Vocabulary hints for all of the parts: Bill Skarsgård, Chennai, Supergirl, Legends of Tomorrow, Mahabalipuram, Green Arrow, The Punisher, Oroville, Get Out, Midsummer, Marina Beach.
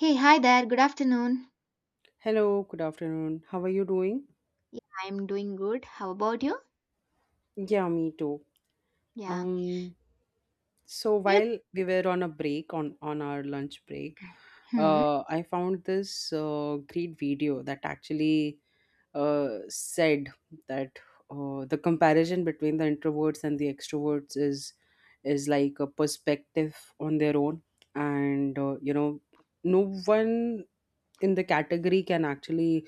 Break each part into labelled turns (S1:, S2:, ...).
S1: Hey, hi there. Good afternoon.
S2: Hello, good afternoon. How are you doing?
S1: Yeah, I'm doing good. How about you?
S2: Yeah, me too.
S1: Yeah.
S2: Um, so
S1: You
S2: while we were on a break on our lunch break,
S1: Hmm.
S2: I found this great video that actually said that the comparison between the introverts and the extroverts is like a perspective on their own, and no one in the category can actually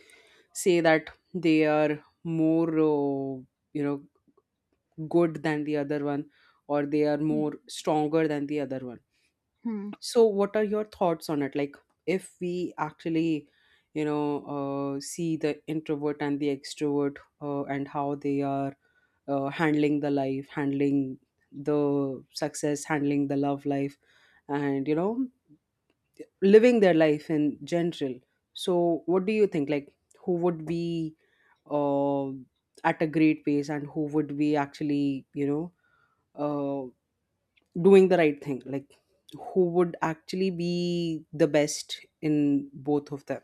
S2: say that they are more you know good than the other one, or they are more stronger than the other one.
S1: Hmm.
S2: So what are your thoughts on it? Like, if we actually you know see the introvert and the extrovert, and how they are handling the life, handling the success, handling the love life, and living their life in general. So what do you think, like who would be uh, at a great pace, and who would be actually uh, doing the right thing? Like, who would actually be the best in both of them?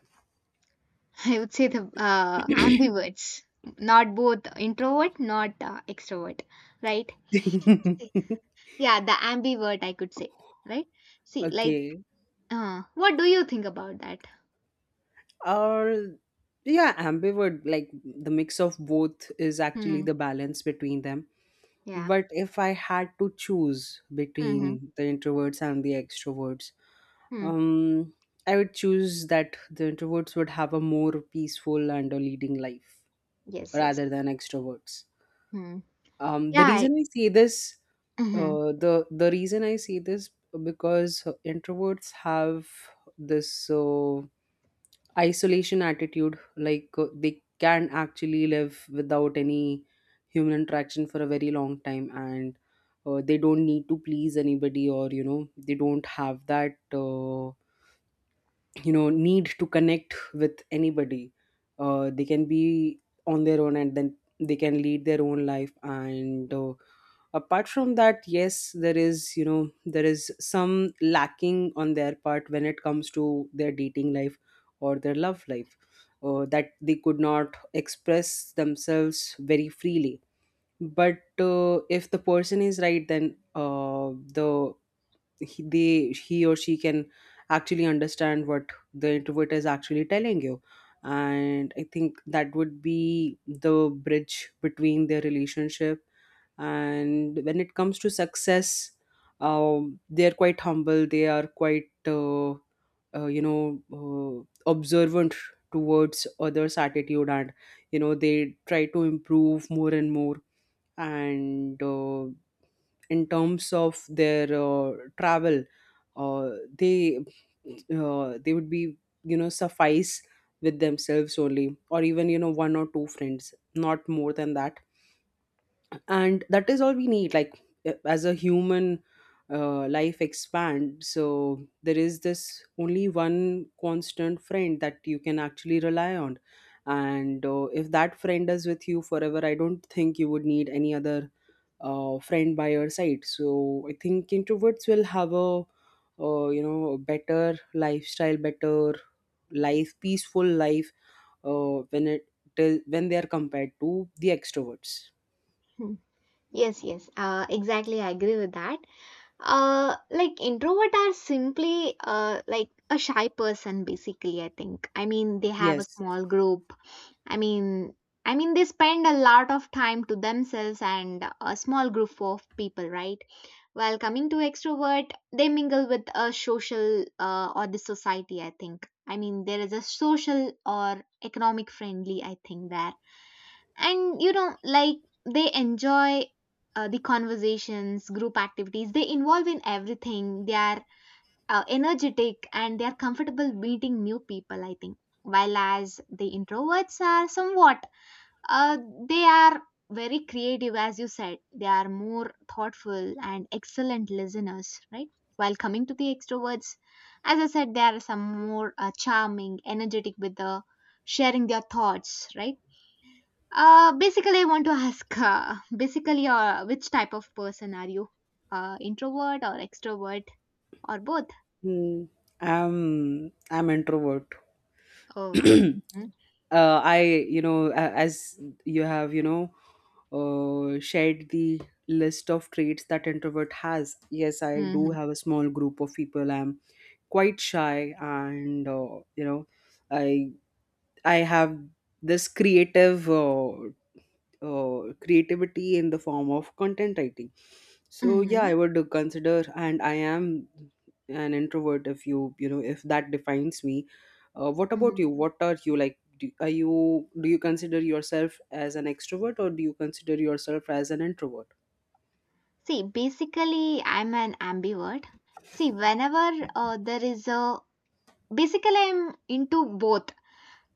S1: I would say the ambiverts, not both introvert, not extrovert, right? See, yeah, the ambivert I could say, right? See, like,
S2: Okay.
S1: what do you think about that?
S2: Or yeah, ambivert, like the mix of both is actually
S1: Hmm.
S2: the balance between them.
S1: Yeah.
S2: But if I had to choose
S1: Mm-hmm.
S2: between the introverts and the extroverts,
S1: Hmm.
S2: um I would choose that the introverts would have a more peaceful and a leading life
S1: Yes. Yes.
S2: rather than extroverts.
S1: Hmm. Yeah.
S2: The reason I say this,
S1: Mm-hmm.
S2: the reason I say this, because introverts have this isolation attitude, like they can actually live without any human interaction for a very long time, and they don't need to please anybody, or they don't have that need to connect with anybody. They can be on their own, and then they can lead their own life. And apart from that, yes, there is, there is some lacking on their part when it comes to their dating life or their love life. That they could not express themselves very freely, but if the person is right, then the he, they he or she can actually understand what the introvert is actually telling you, and I think that would be the bridge between their relationship. And when it comes to success, they are quite humble, they are quite observant towards others attitude, and they try to improve more and more. And in terms of their travel, uh, they they would be, suffice with themselves only, or even one or two friends, not more than that. And that is all we need, like, as a human, life expand, so there is this only one constant friend that you can actually rely on. And if that friend is with you forever, I don't think you would need any other friend by your side. So I think introverts will have a, a better lifestyle, better life, peaceful life, when it till when they are compared to the extroverts.
S1: Yes. Yes. Exactly. I agree with that. Like, introvert are simply like a shy person, basically, I think. I mean, they have a
S2: Yes.
S1: small group. I mean i mean they spend a lot of time to themselves and a small group of people, right? While coming to extrovert, they mingle with a social, or the society, I think. I mean, there is a social or economic friendly, I think, there. And like they enjoy the conversations, group activities, they involve in everything. They are energetic and they are comfortable meeting new people, I think. While as the introverts are somewhat, uh, they are very creative, as you said. They are more thoughtful and excellent listeners, right? While coming to the extroverts, as I said, they are some more charming, energetic, with the sharing their thoughts, right? Basically, I want to ask, basically, which type of person are you? Introvert or extrovert or both?
S2: Hmm. I'm introvert.
S1: Oh.
S2: uh, I, you know, as you have, you know, shared the list of traits that introvert has. Yes, I do
S1: Mm-hmm.
S2: have a small group of people. I'm quite shy, and you know, I I have this creative. Creativity in the form of content writing. So yeah,
S1: Mm-hmm.
S2: I would consider, and I am an introvert, if you know, if that defines me. What about you?
S1: Hmm.
S2: What are you like? Do you consider yourself as an extrovert, or do you consider yourself as an introvert?
S1: See, basically, I'm an ambivert. See, whenever there is a Basically, I'm into both.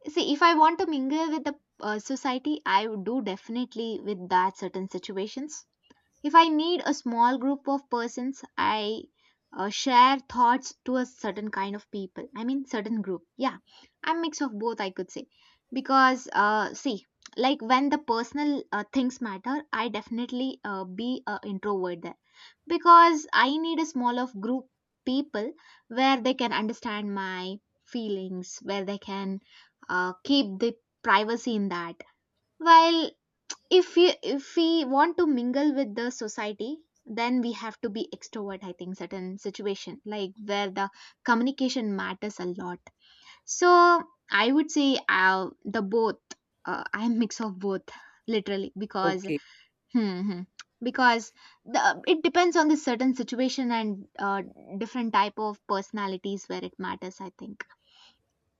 S1: See, if I want to mingle with the, society, I would do definitely with that certain situations. If I need a small group of persons, I share thoughts to a certain kind of people. I mean, certain group. Yeah, I'm mix of both, I could say. Because, see, like when the personal things matter, I definitely be a introvert there. Because I need a small of group people where they can understand my feelings, where they can keep the privacy in that. While, if we want to mingle with the society, then we have to be extrovert, I think, certain situation like where the communication matters a lot. So I would say, uh, the both. I'm mix of both, literally, because
S2: Okay.
S1: hmm, hmm, because the it depends on the certain situation and different type of personalities where it matters, I think.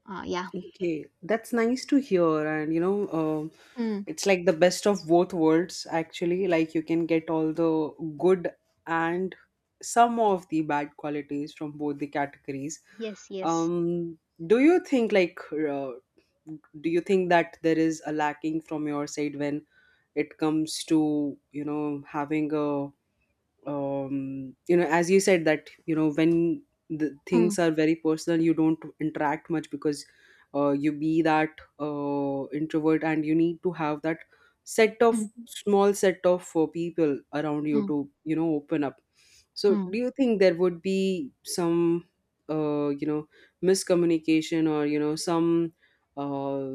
S1: Yeah.
S2: Okay, that's nice to hear. And you know,
S1: Mm,
S2: it's like the best of both worlds, actually. Like you can get all the good and some of the bad qualities from both the categories.
S1: yes, yes.
S2: Um, do you think like, do you think that there is a lacking from your side when it comes to, you know, having a, as you said, that you know, when the
S1: Mm,
S2: things are very personal, you don't interact much, because you be that introvert, and you need to have that set of
S1: mm,
S2: small set of people around you
S1: mm,
S2: to, you know, open up. So,
S1: mm,
S2: do you think there would be some uh, you know miscommunication, or you know, some uh,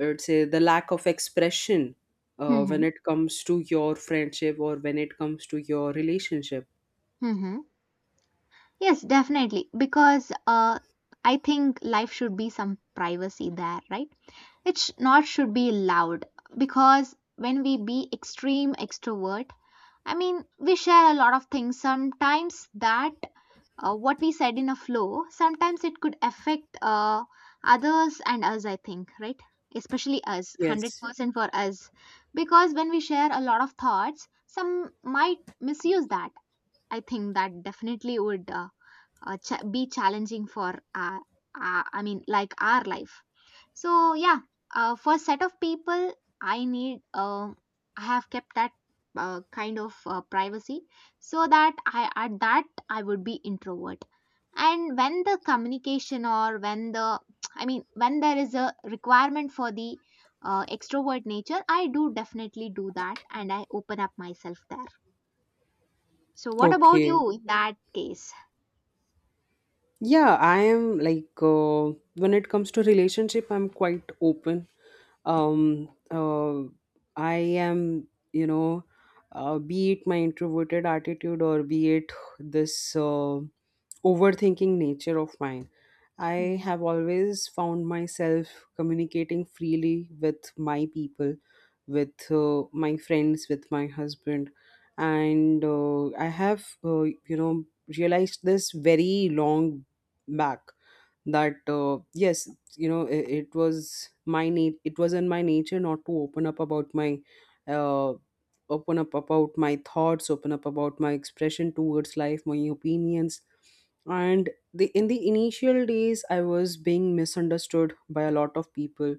S2: I would say the lack of expression, when
S1: mm,
S2: it comes to your friendship, or when it comes to your relationship?
S1: mm, mm. Yes, definitely. Because, I think life should be some privacy there, right? It not should be loud, because when we be extreme extrovert, I mean, we share a lot of things. Sometimes that, what we said in a flow, sometimes it could affect, others and us, I think, right? Especially us, hundred
S2: Yes.
S1: percent for us, because when we share a lot of thoughts, some might misuse that. I think that definitely would be challenging for our, I mean, like our life. So, yeah, for set of people, I need I have kept that kind of privacy, so that I at that I would be introvert. And when the communication or when the I mean, when there is a requirement for the extrovert nature, I do definitely do that and I open up myself there. So what about
S2: Okay.
S1: you in that case?
S2: Yeah, I am like, when it comes to relationship, I'm quite open. Um uh, i am, you know, be it my introverted attitude, or be it this overthinking nature of mine, I
S1: Hmm,
S2: have always found myself communicating freely with my people, with my friends, with my husband. And I have, you know, realized this very long back that yes, you know it was my need, it was in my nature not to open up about my uh, open up about my thoughts, open up about my expression towards life, my opinions. And the in the initial days, I was being misunderstood by a lot of people,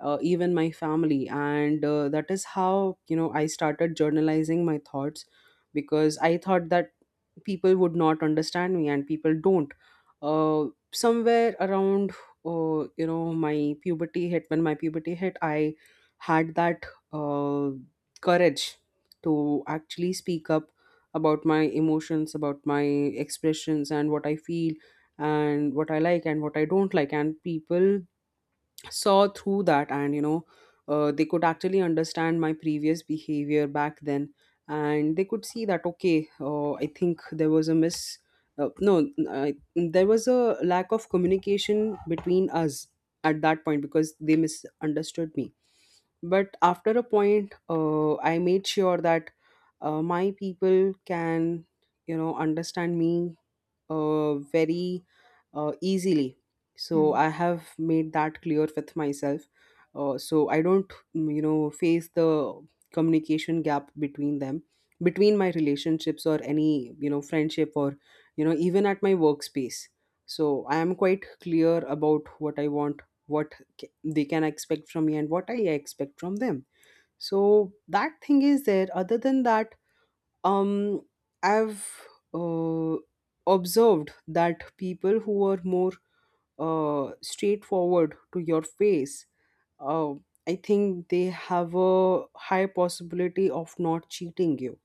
S2: even my family. And that is how, you know, I started journalizing my thoughts, because I thought that people would not understand me, and people don't. Uh, somewhere around, my puberty hit, when my puberty hit, I had that uh, courage to actually speak up about my emotions, about my expressions, and what I feel, and what I like, and what I don't like. And people saw through that, and you know, they could actually understand my previous behavior back then, and they could see that, okay, I think there was a miss no I, there was a lack of communication between us at that point, because they misunderstood me. But after a point, I made sure that my people can, you know, understand me very easily. So
S1: hmm,
S2: I have made that clear with myself. So I don't, you know, face the communication gap between them, between my relationships, or any, you know, friendship, or, you know, even at my workspace. So I am quite clear about what I want, what they can expect from me, and what I expect from them. So that thing is there. Other than that, um I've uh, observed that people who are more straightforward to your face, uh, I think they have a high possibility of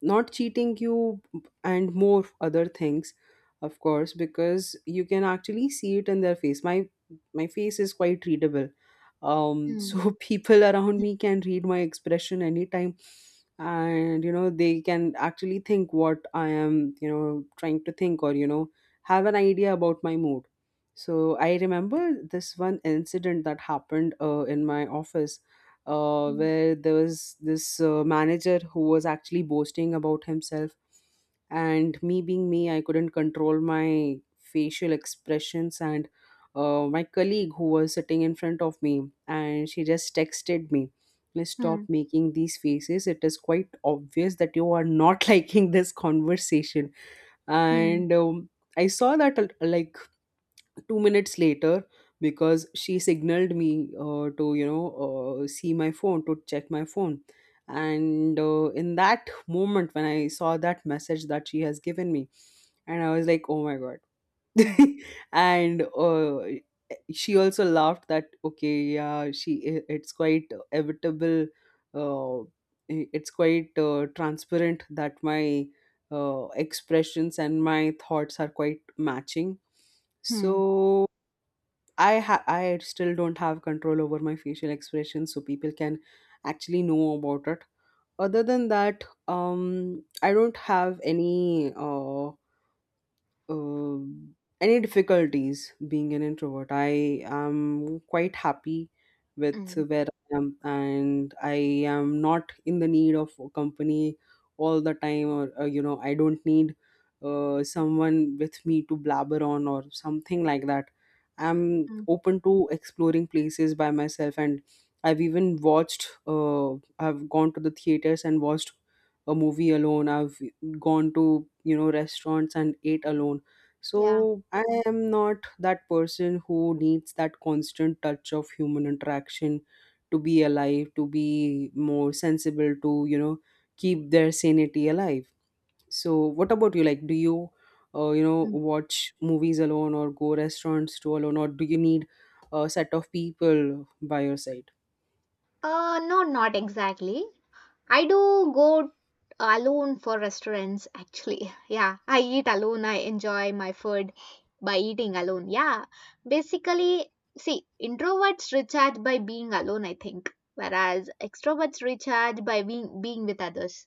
S2: not cheating you, and more other things, of course, because you can actually see it in their face. My face is quite readable.
S1: hmm. Hmm.
S2: So people around me can read my expression anytime, and you know, they can actually think what I am, you know, trying to think, or you know, have an idea about my mood. So I remember this one incident that happened in my office,
S1: Mm,
S2: where there was this manager who was actually boasting about himself, and me being me, I couldn't control my facial expressions. And my colleague who was sitting in front of me, and she just texted me, "Please stop
S1: mm,
S2: making these faces. It is quite obvious that you are not liking this conversation."
S1: mm,
S2: And I saw that like 2 minutes later, because she signaled me to, see my phone, to check my phone. And in that moment, when I saw that message that she has given me, and I was like, "Oh my god."
S1: mm,
S2: And she also laughed that, okay, yeah, it's quite evitable, uh, it's quite transparent that my expressions and my thoughts are quite matching.
S1: mm,
S2: So I still don't have control over my facial expression, so people can actually know about it. Other than that, I don't have any. Um, any difficulties being an introvert. I am quite happy with
S1: mm,
S2: where I am, and I am not in the need of company all the time, or you know, I don't need someone with me to blabber on or something like that. I'm
S1: mm.
S2: open to exploring places by myself, and I've even watched. I've gone to the theaters and watched a movie alone. I've gone to, you know, restaurants and ate alone.
S1: Yeah.
S2: So I am not that person who needs that constant touch of human interaction to be alive, to be more sensible, to, you know, keep their sanity alive. So what about you? Like, do you, you know,
S1: Mm.
S2: watch movies alone, or go restaurants to alone, or do you need a set of people by your side?
S1: No, not exactly. I do go alone for restaurants, actually. Yeah, I eat alone. I enjoy my food by eating alone. Yeah, basically, see, introverts recharge by being alone, I think, whereas extroverts recharge by being with others.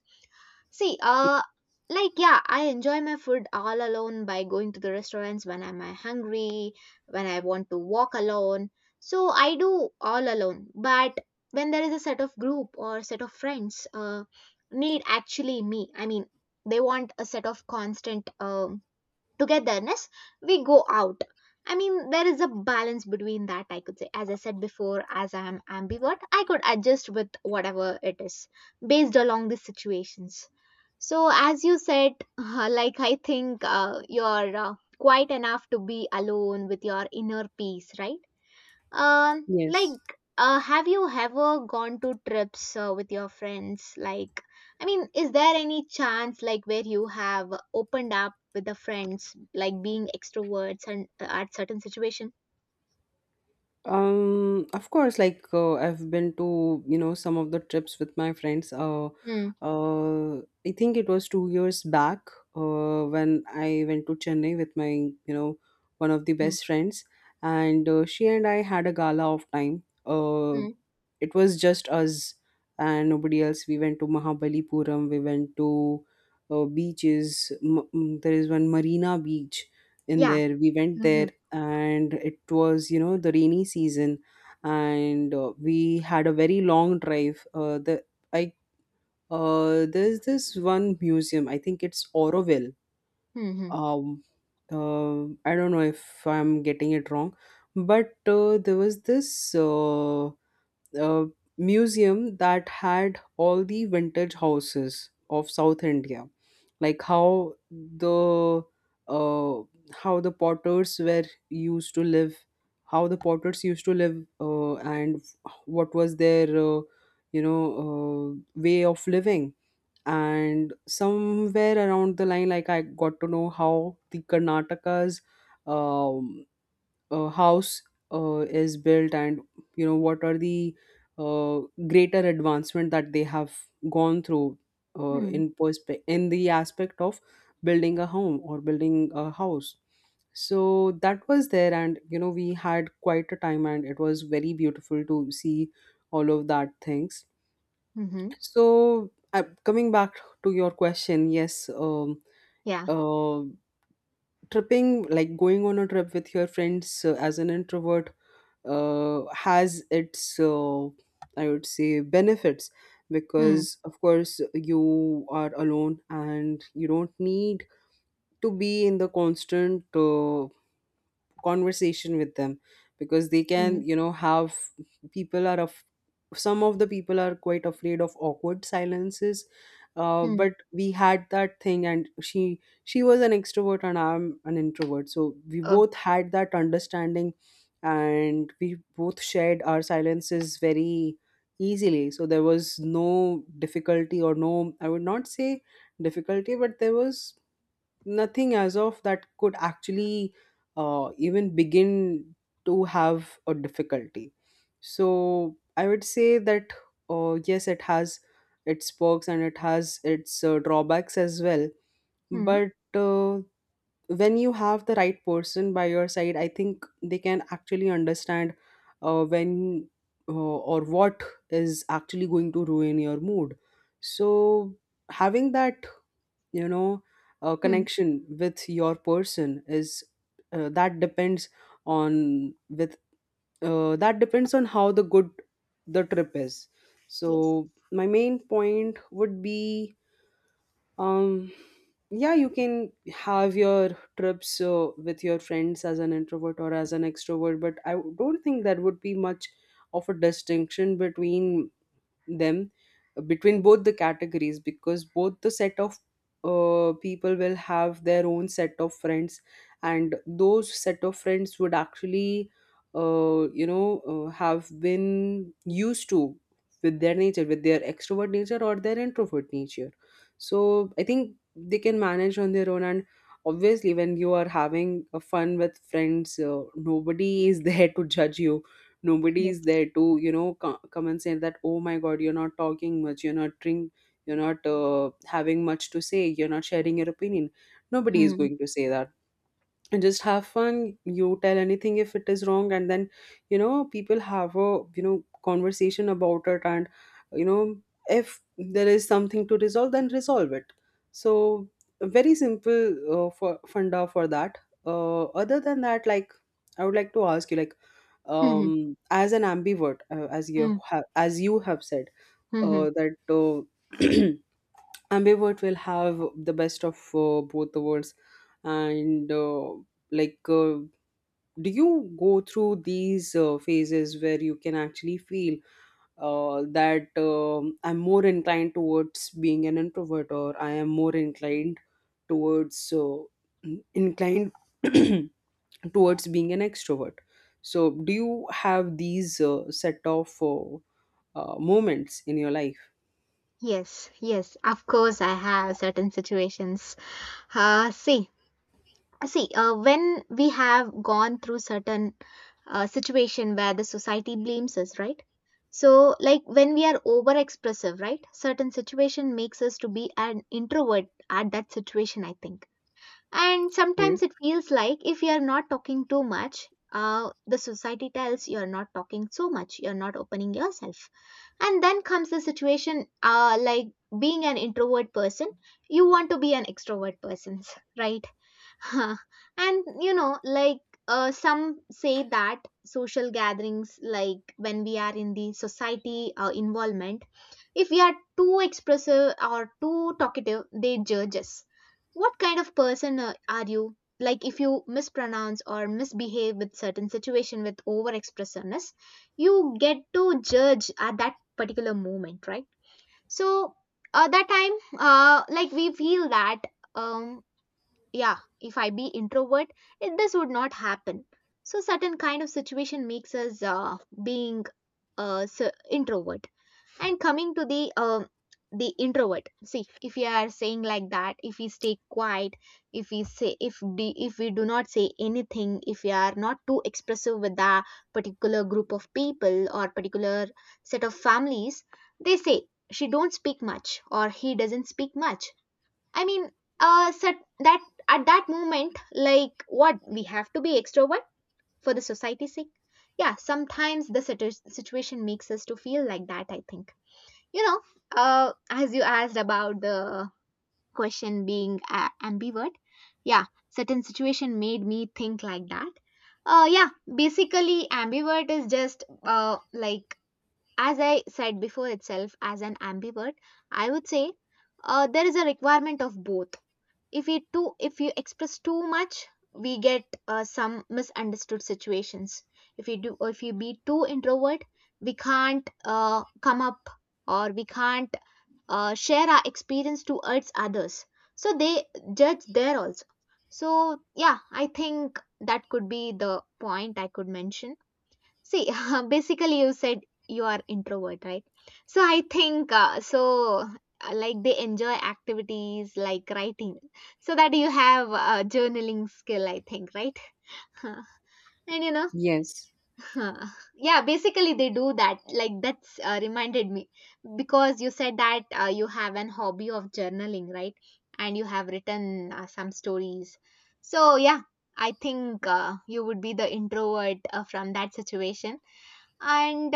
S1: See, like, yeah, I enjoy my food all alone by going to the restaurants when I'm hungry, when I want to walk alone. So I do all alone. But when there is a set of group or set of friends, need actually me. I mean, they want a set of constant, togetherness. We go out. I mean, there is a balance between that, I could say. As I said before, as I am ambivert, I could adjust with whatever it is based along the situations. So, as you said, like I think you're quite enough to be alone with your inner peace, right?
S2: Yes.
S1: Like, have you ever gone to trips with your friends? Like, I mean, is there any chance like where you have opened up with the friends, like being extroverts and, at certain situation?
S2: Of course, like, I've been to, you know, some of the trips with my friends.
S1: Hmm.
S2: Uh, I think it was 2 years back when I went to Chennai with my, one of the
S1: Hmm.
S2: best friends, and she and I had a gala of time.
S1: Hmm.
S2: It was just us and nobody else. We went to Mahabalipuram. We went to beaches. There is one Marina Beach in
S1: Yeah.
S2: there. We went
S1: Hmm.
S2: there, and it was, you know, the rainy season, and we had a very long drive i there's this one museum, I think it's Oroville.
S1: Hmm. Hmm.
S2: um uh, I don't know if I'm getting it wrong, but there was this uh, museum that had all the vintage houses of South India, like uh, how the potters were used to live, how the potters used to live, and what was their you know way of living. And somewhere around the line, like I got to know how the Karnataka's um, house is built, and you know what are the uh, greater advancement that they have gone through
S1: Hmm.
S2: in in the aspect of building a home or building a house. So that was there, and you know, we had quite a time, and it was very beautiful to see all of that things.
S1: Hmm.
S2: So coming back to your question, yes.
S1: Yeah.
S2: Uh, Tripping, like going on a trip with your friends as an introvert has its I would say benefits,
S1: Hmm.
S2: because of course you are alone and you don't need to be in the constant conversation with them, because they
S1: Hmm.
S2: can, you know, have people are of some of the people are quite afraid of awkward silences.
S1: Hmm.
S2: But we had that thing, and she was an extrovert and I'm an introvert, so we
S1: Oh.
S2: both had that understanding, and we both shared our silences very easily. So there was no difficulty, or no, I would not say difficulty, but there was nothing as of that could actually even begin to have a difficulty. So I would say that yes, it has its perks and it has its drawbacks as well,
S1: Hmm.
S2: but when you have the right person by your side, I think they can actually understand when uh, or what is actually going to ruin your mood. So having that, you know
S1: Hmm.
S2: connection with your person is uh, that depends on with that depends on how the good the trip is.
S1: Yes.
S2: So my main point would be um yeah, you can have your trips with your friends as an introvert or as an extrovert, but I don't think that would be much of a distinction between them between both the categories, because both the set of people will have their own set of friends, and those set of friends would actually you know have been used to with their nature, with their extrovert nature or their introvert nature. So I think they can manage on their own, and obviously when you are having a fun with friends, nobody is there to judge you. Nobody
S1: Yes.
S2: is there to, you know, come and say that, oh my god, you're not talking much, you're not drink, you're not having much to say, you're not sharing your opinion. Nobody is
S1: Hmm.
S2: going to say that. And just have fun. You tell anything if it is wrong, and then you know people have a, you know, conversation about it, and you know, if there is something to resolve, then resolve it. So very simple for funda for that. Other than that, like, I would like to ask you, like, as an ambivert,
S1: Hmm.
S2: as you have said
S1: Hmm, hmm.
S2: that ambivert will have the best of both the worlds, and like do you go through these phases where you can actually feel that I'm more inclined towards being an introvert, or I am more inclined towards inclined towards being an extrovert. So, do you have these set of moments in your life?
S1: Yes, yes, of course I have certain situations. Uh, see, see, when we have gone through certain situation where the society blames us, right? So, like when we are over expressive, right? Certain situation makes us to be an introvert at that situation, I think. And
S2: Okay.
S1: sometimes it feels like if you are not talking too much, the society tells you are not talking so much, you are not opening yourself, and then comes the situation, like being an introvert person, you want to be an extrovert person, right? Huh. And like some say that social gatherings, like when we are in the society, involvement, if we are too expressive or too talkative, they judge us. What kind of person are you? Like, if you mispronounce or misbehave with certain situation with over expressiveness, you get to judge at that particular moment, right? So at that time, like we feel that. Um, yeah, if I be introvert, this would not happen. So certain kind of situation makes us being introvert. And coming to the, introvert, see, if we are saying like that, if we stay quiet, if we do not say anything, if we are not too expressive with a particular group of people or particular set of families, they say, she don't speak much or he doesn't speak much, I mean, sat that at that moment, like what we have to be extrovert for the society's sake. Yeah, sometimes the situation makes us to feel like that, I think. you know, as you asked about the question being ambivert, yeah, certain situation made me think like that. Yeah, basically, ambivert is just like, as I said before itself, as an ambivert, I would say, there is a requirement of both. If you express too much, we get some misunderstood situations. If you be too introvert, we can't come up, or we can't share our experience towards others, so they judge there also. So, yeah, I think that could be the point I could mention. See, basically, you said you are introvert, right? So I think, so, like, they enjoy activities like writing, so that you have a journaling skill, I think, right? and you know,
S2: Yes.
S1: yeah, basically they do that. Like, that's reminded me, because you said that you have an hobby of journaling, right? And you have written some stories. So yeah, I think you would be the introvert from that situation. And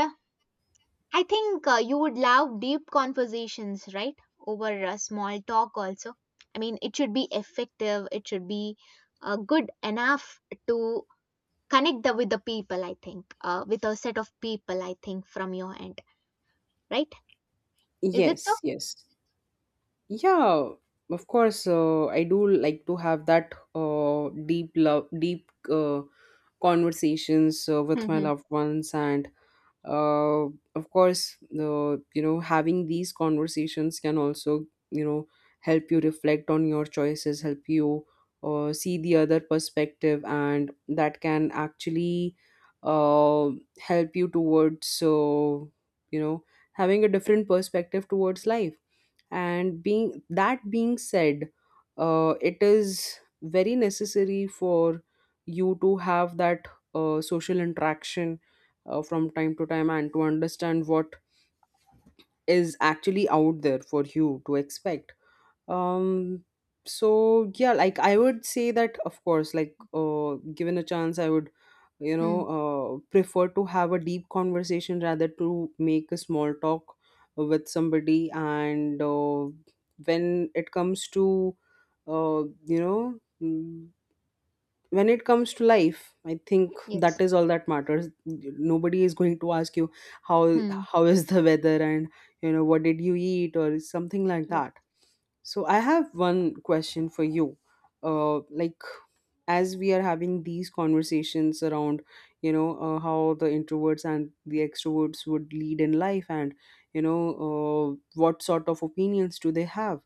S1: I think you would love deep conversations, right? Over small talk, also. I mean, it should be effective, it should be good enough to connect with the people, I think, with a set of people, I think, from your end, right? Is it so?
S2: Yes, yes. Yeah, of course, I do like to have that deep love, deep conversations with my
S1: Mm-hmm.
S2: loved ones, and uh, of course you know, having these conversations can also, you know, help you reflect on your choices, help you see the other perspective, and that can actually uh, help you towards. So you know, having a different perspective towards life, and being that, being said, it is very necessary for you to have that social interaction from time to time, and to understand what is actually out there for you to expect. um so yeah, like I would say that of course, like, given a chance, I would, you know,
S1: Hmm.
S2: prefer to have a deep conversation rather to make a small talk with somebody. And when it comes to uh, you know mm, when it comes to life, I think
S1: Yes.
S2: that is all that matters. Nobody is going to ask you how
S1: Hmm.
S2: how is the weather, and you know, what did you eat or something like
S1: Yes.
S2: that. So I have one question for you. Like, as we are having these conversations around, you know, how the introverts and the extroverts would lead in life, and you know, what sort of opinions do they have?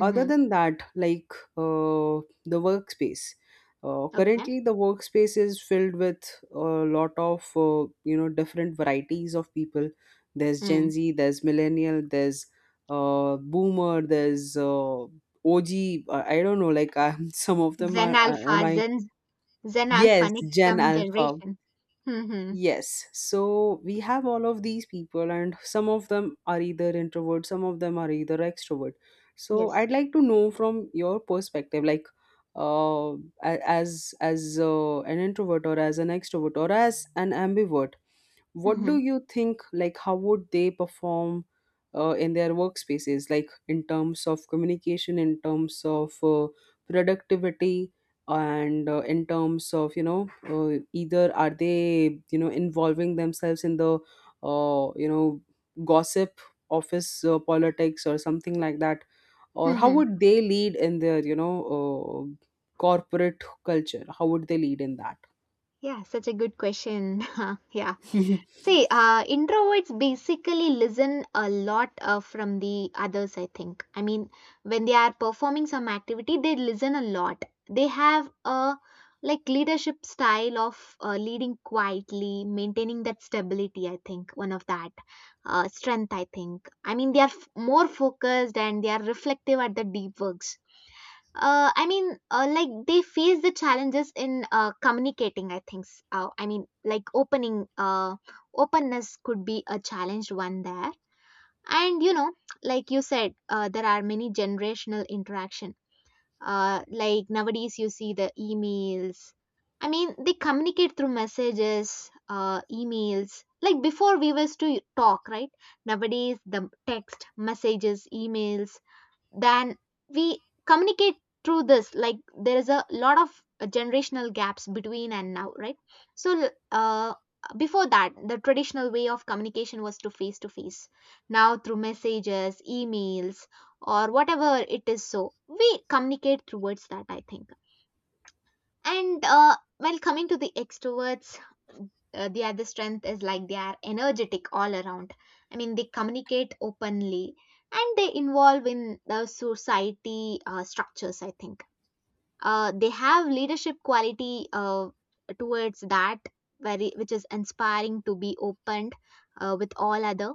S2: Other than that, like, the workspace,
S1: Okay.
S2: currently the workspace is filled with a lot of you know, different varieties of people. There's
S1: Hmm.
S2: Gen Z, there's millennial, there's boomer, there's OG. I don't know, like, some of them
S1: Zen
S2: are am
S1: Alpha,
S2: I
S1: Zen Alpha,
S2: yes,
S1: next
S2: Gen
S1: come
S2: Alpha.
S1: generation. Mm-hmm.
S2: Yes. So we have all of these people, and some of them are either introvert, some of them are either extrovert. So
S1: Yes.
S2: I'd like to know from your perspective, like, uh, a- as an introvert, or as an extrovert, or as an ambivert, what
S1: Mm-hmm.
S2: do you think? Like, how would they perform in their workspaces? Like, in terms of communication, in terms of productivity, and in terms of you know either are they, you know, involving themselves in the you know, gossip, office politics or something like that, or how
S1: Mm-hmm.
S2: would they lead in their, you know, uh, corporate culture, how would they lead in that?
S1: Yeah, such a good question. Yeah. See, introverts basically listen a lot from the others, I think. I mean, when they are performing some activity, they listen a lot. They have a like leadership style of leading quietly, maintaining that stability, I think, one of that strength, I think. I mean, they are more focused and they are reflective at the deep works. I mean, like they face the challenges in communicating, I think. I mean, like openness could be a challenged one there. And like you said, there are many generational interaction. Like nowadays, you see the emails. I mean, they communicate through messages, emails. Like before, we was to talk, right? Nowadays, the text, messages, emails, then we communicate through this. Like, there is a lot of generational gaps between and now, right? So before that, the traditional way of communication was to face to face. Now through messages, emails, or whatever it is, so we communicate towards that, I think. And while coming to the extroverts, the other strength is, like they are energetic all around. I mean, they communicate openly and they involve in the society structures, I think. They have leadership quality towards that, very which is inspiring to be opened with all other,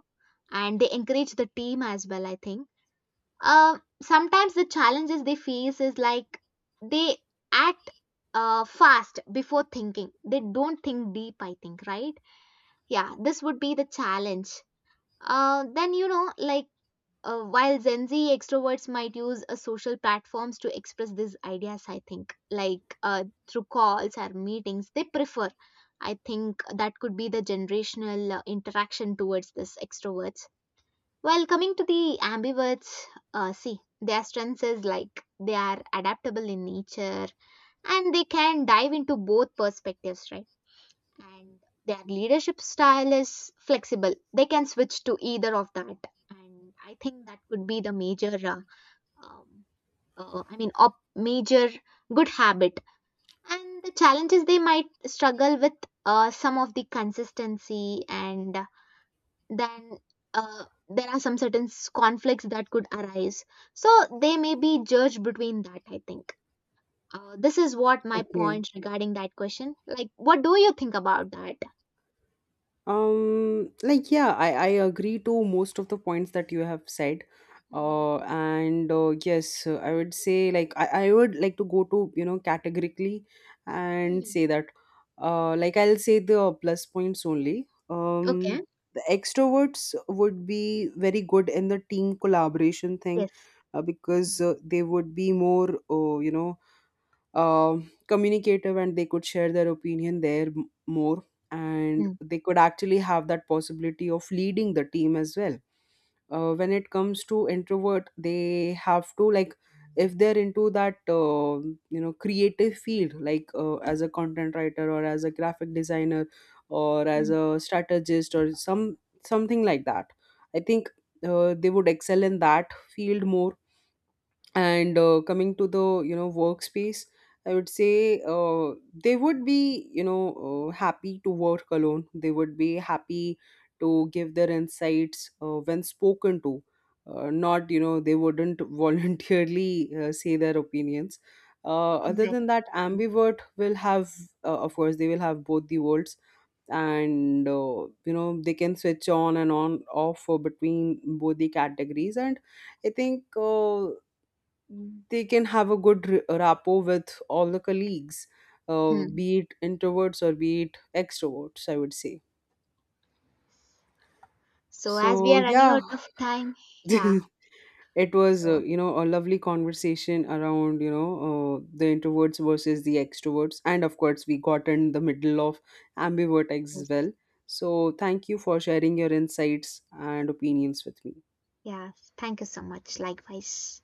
S1: and they encourage the team as well, I think. Sometimes the challenges they face is like they act fast before thinking. They don't think deep, I think, right? Yeah, this would be the challenge. Then, like while Gen Z extroverts might use social platforms to express these ideas, I think, like through calls or meetings, they prefer. I think that could be the generational interaction towards this extroverts. While coming to the ambiverts, see, their strengths is, like they are adaptable in nature, and they can dive into both perspectives, right? And their leadership style is flexible. They can switch to either of that, and I think that would be the major, um, I mean, major good habit. And the challenges they might struggle with some of the consistency, and then there are some certain conflicts that could arise. So they may be judged between that, I think. This is what my
S2: Okay.
S1: point regarding that question. Like, what do you think about that?
S2: Like, yeah, I agree to most of the points that you have said,
S1: Hmm.
S2: and yes, I would say, like, I would like to go to, you know, categorically and say that like, I'll say the plus points only.
S1: Okay.
S2: The extroverts would be very good in the team collaboration thing,
S1: Yes.
S2: because
S1: Mhm.
S2: they would be more, you know, uh, communicative, and they could share their opinion there, more, and
S1: Mm.
S2: they could actually have that possibility of leading the team as well. When it comes to introvert, they have to, like, if they're into that you know, creative field, like as a content writer, or as a graphic designer, or as
S1: Mm.
S2: a strategist, or some something like that, I think they would excel in that field more. And coming to the, you know, workspace, I would say they would be, you know, happy to work alone, they would be happy to give their insights when spoken to. Not, you know, they wouldn't voluntarily say their opinions. Other
S1: Exactly.
S2: than that,
S1: Mm.
S2: ambivert will have, of course, they will have both the worlds, and you know, they can switch on and on off between both the categories. And I think they can have a good rapport with all the colleagues,
S1: Mm.
S2: be it introverts or be it extroverts, I would say.
S1: So, as we
S2: So,
S1: are running
S2: yeah,
S1: out of time, yeah.
S2: it was,
S1: So,
S2: you know, a lovely conversation around, you know, the introverts versus the extroverts. And of course, we got in the middle of ambivert as
S1: yes.
S2: well. So, thank you for sharing your insights and opinions with me.
S1: Yeah. Thank you so much. Likewise.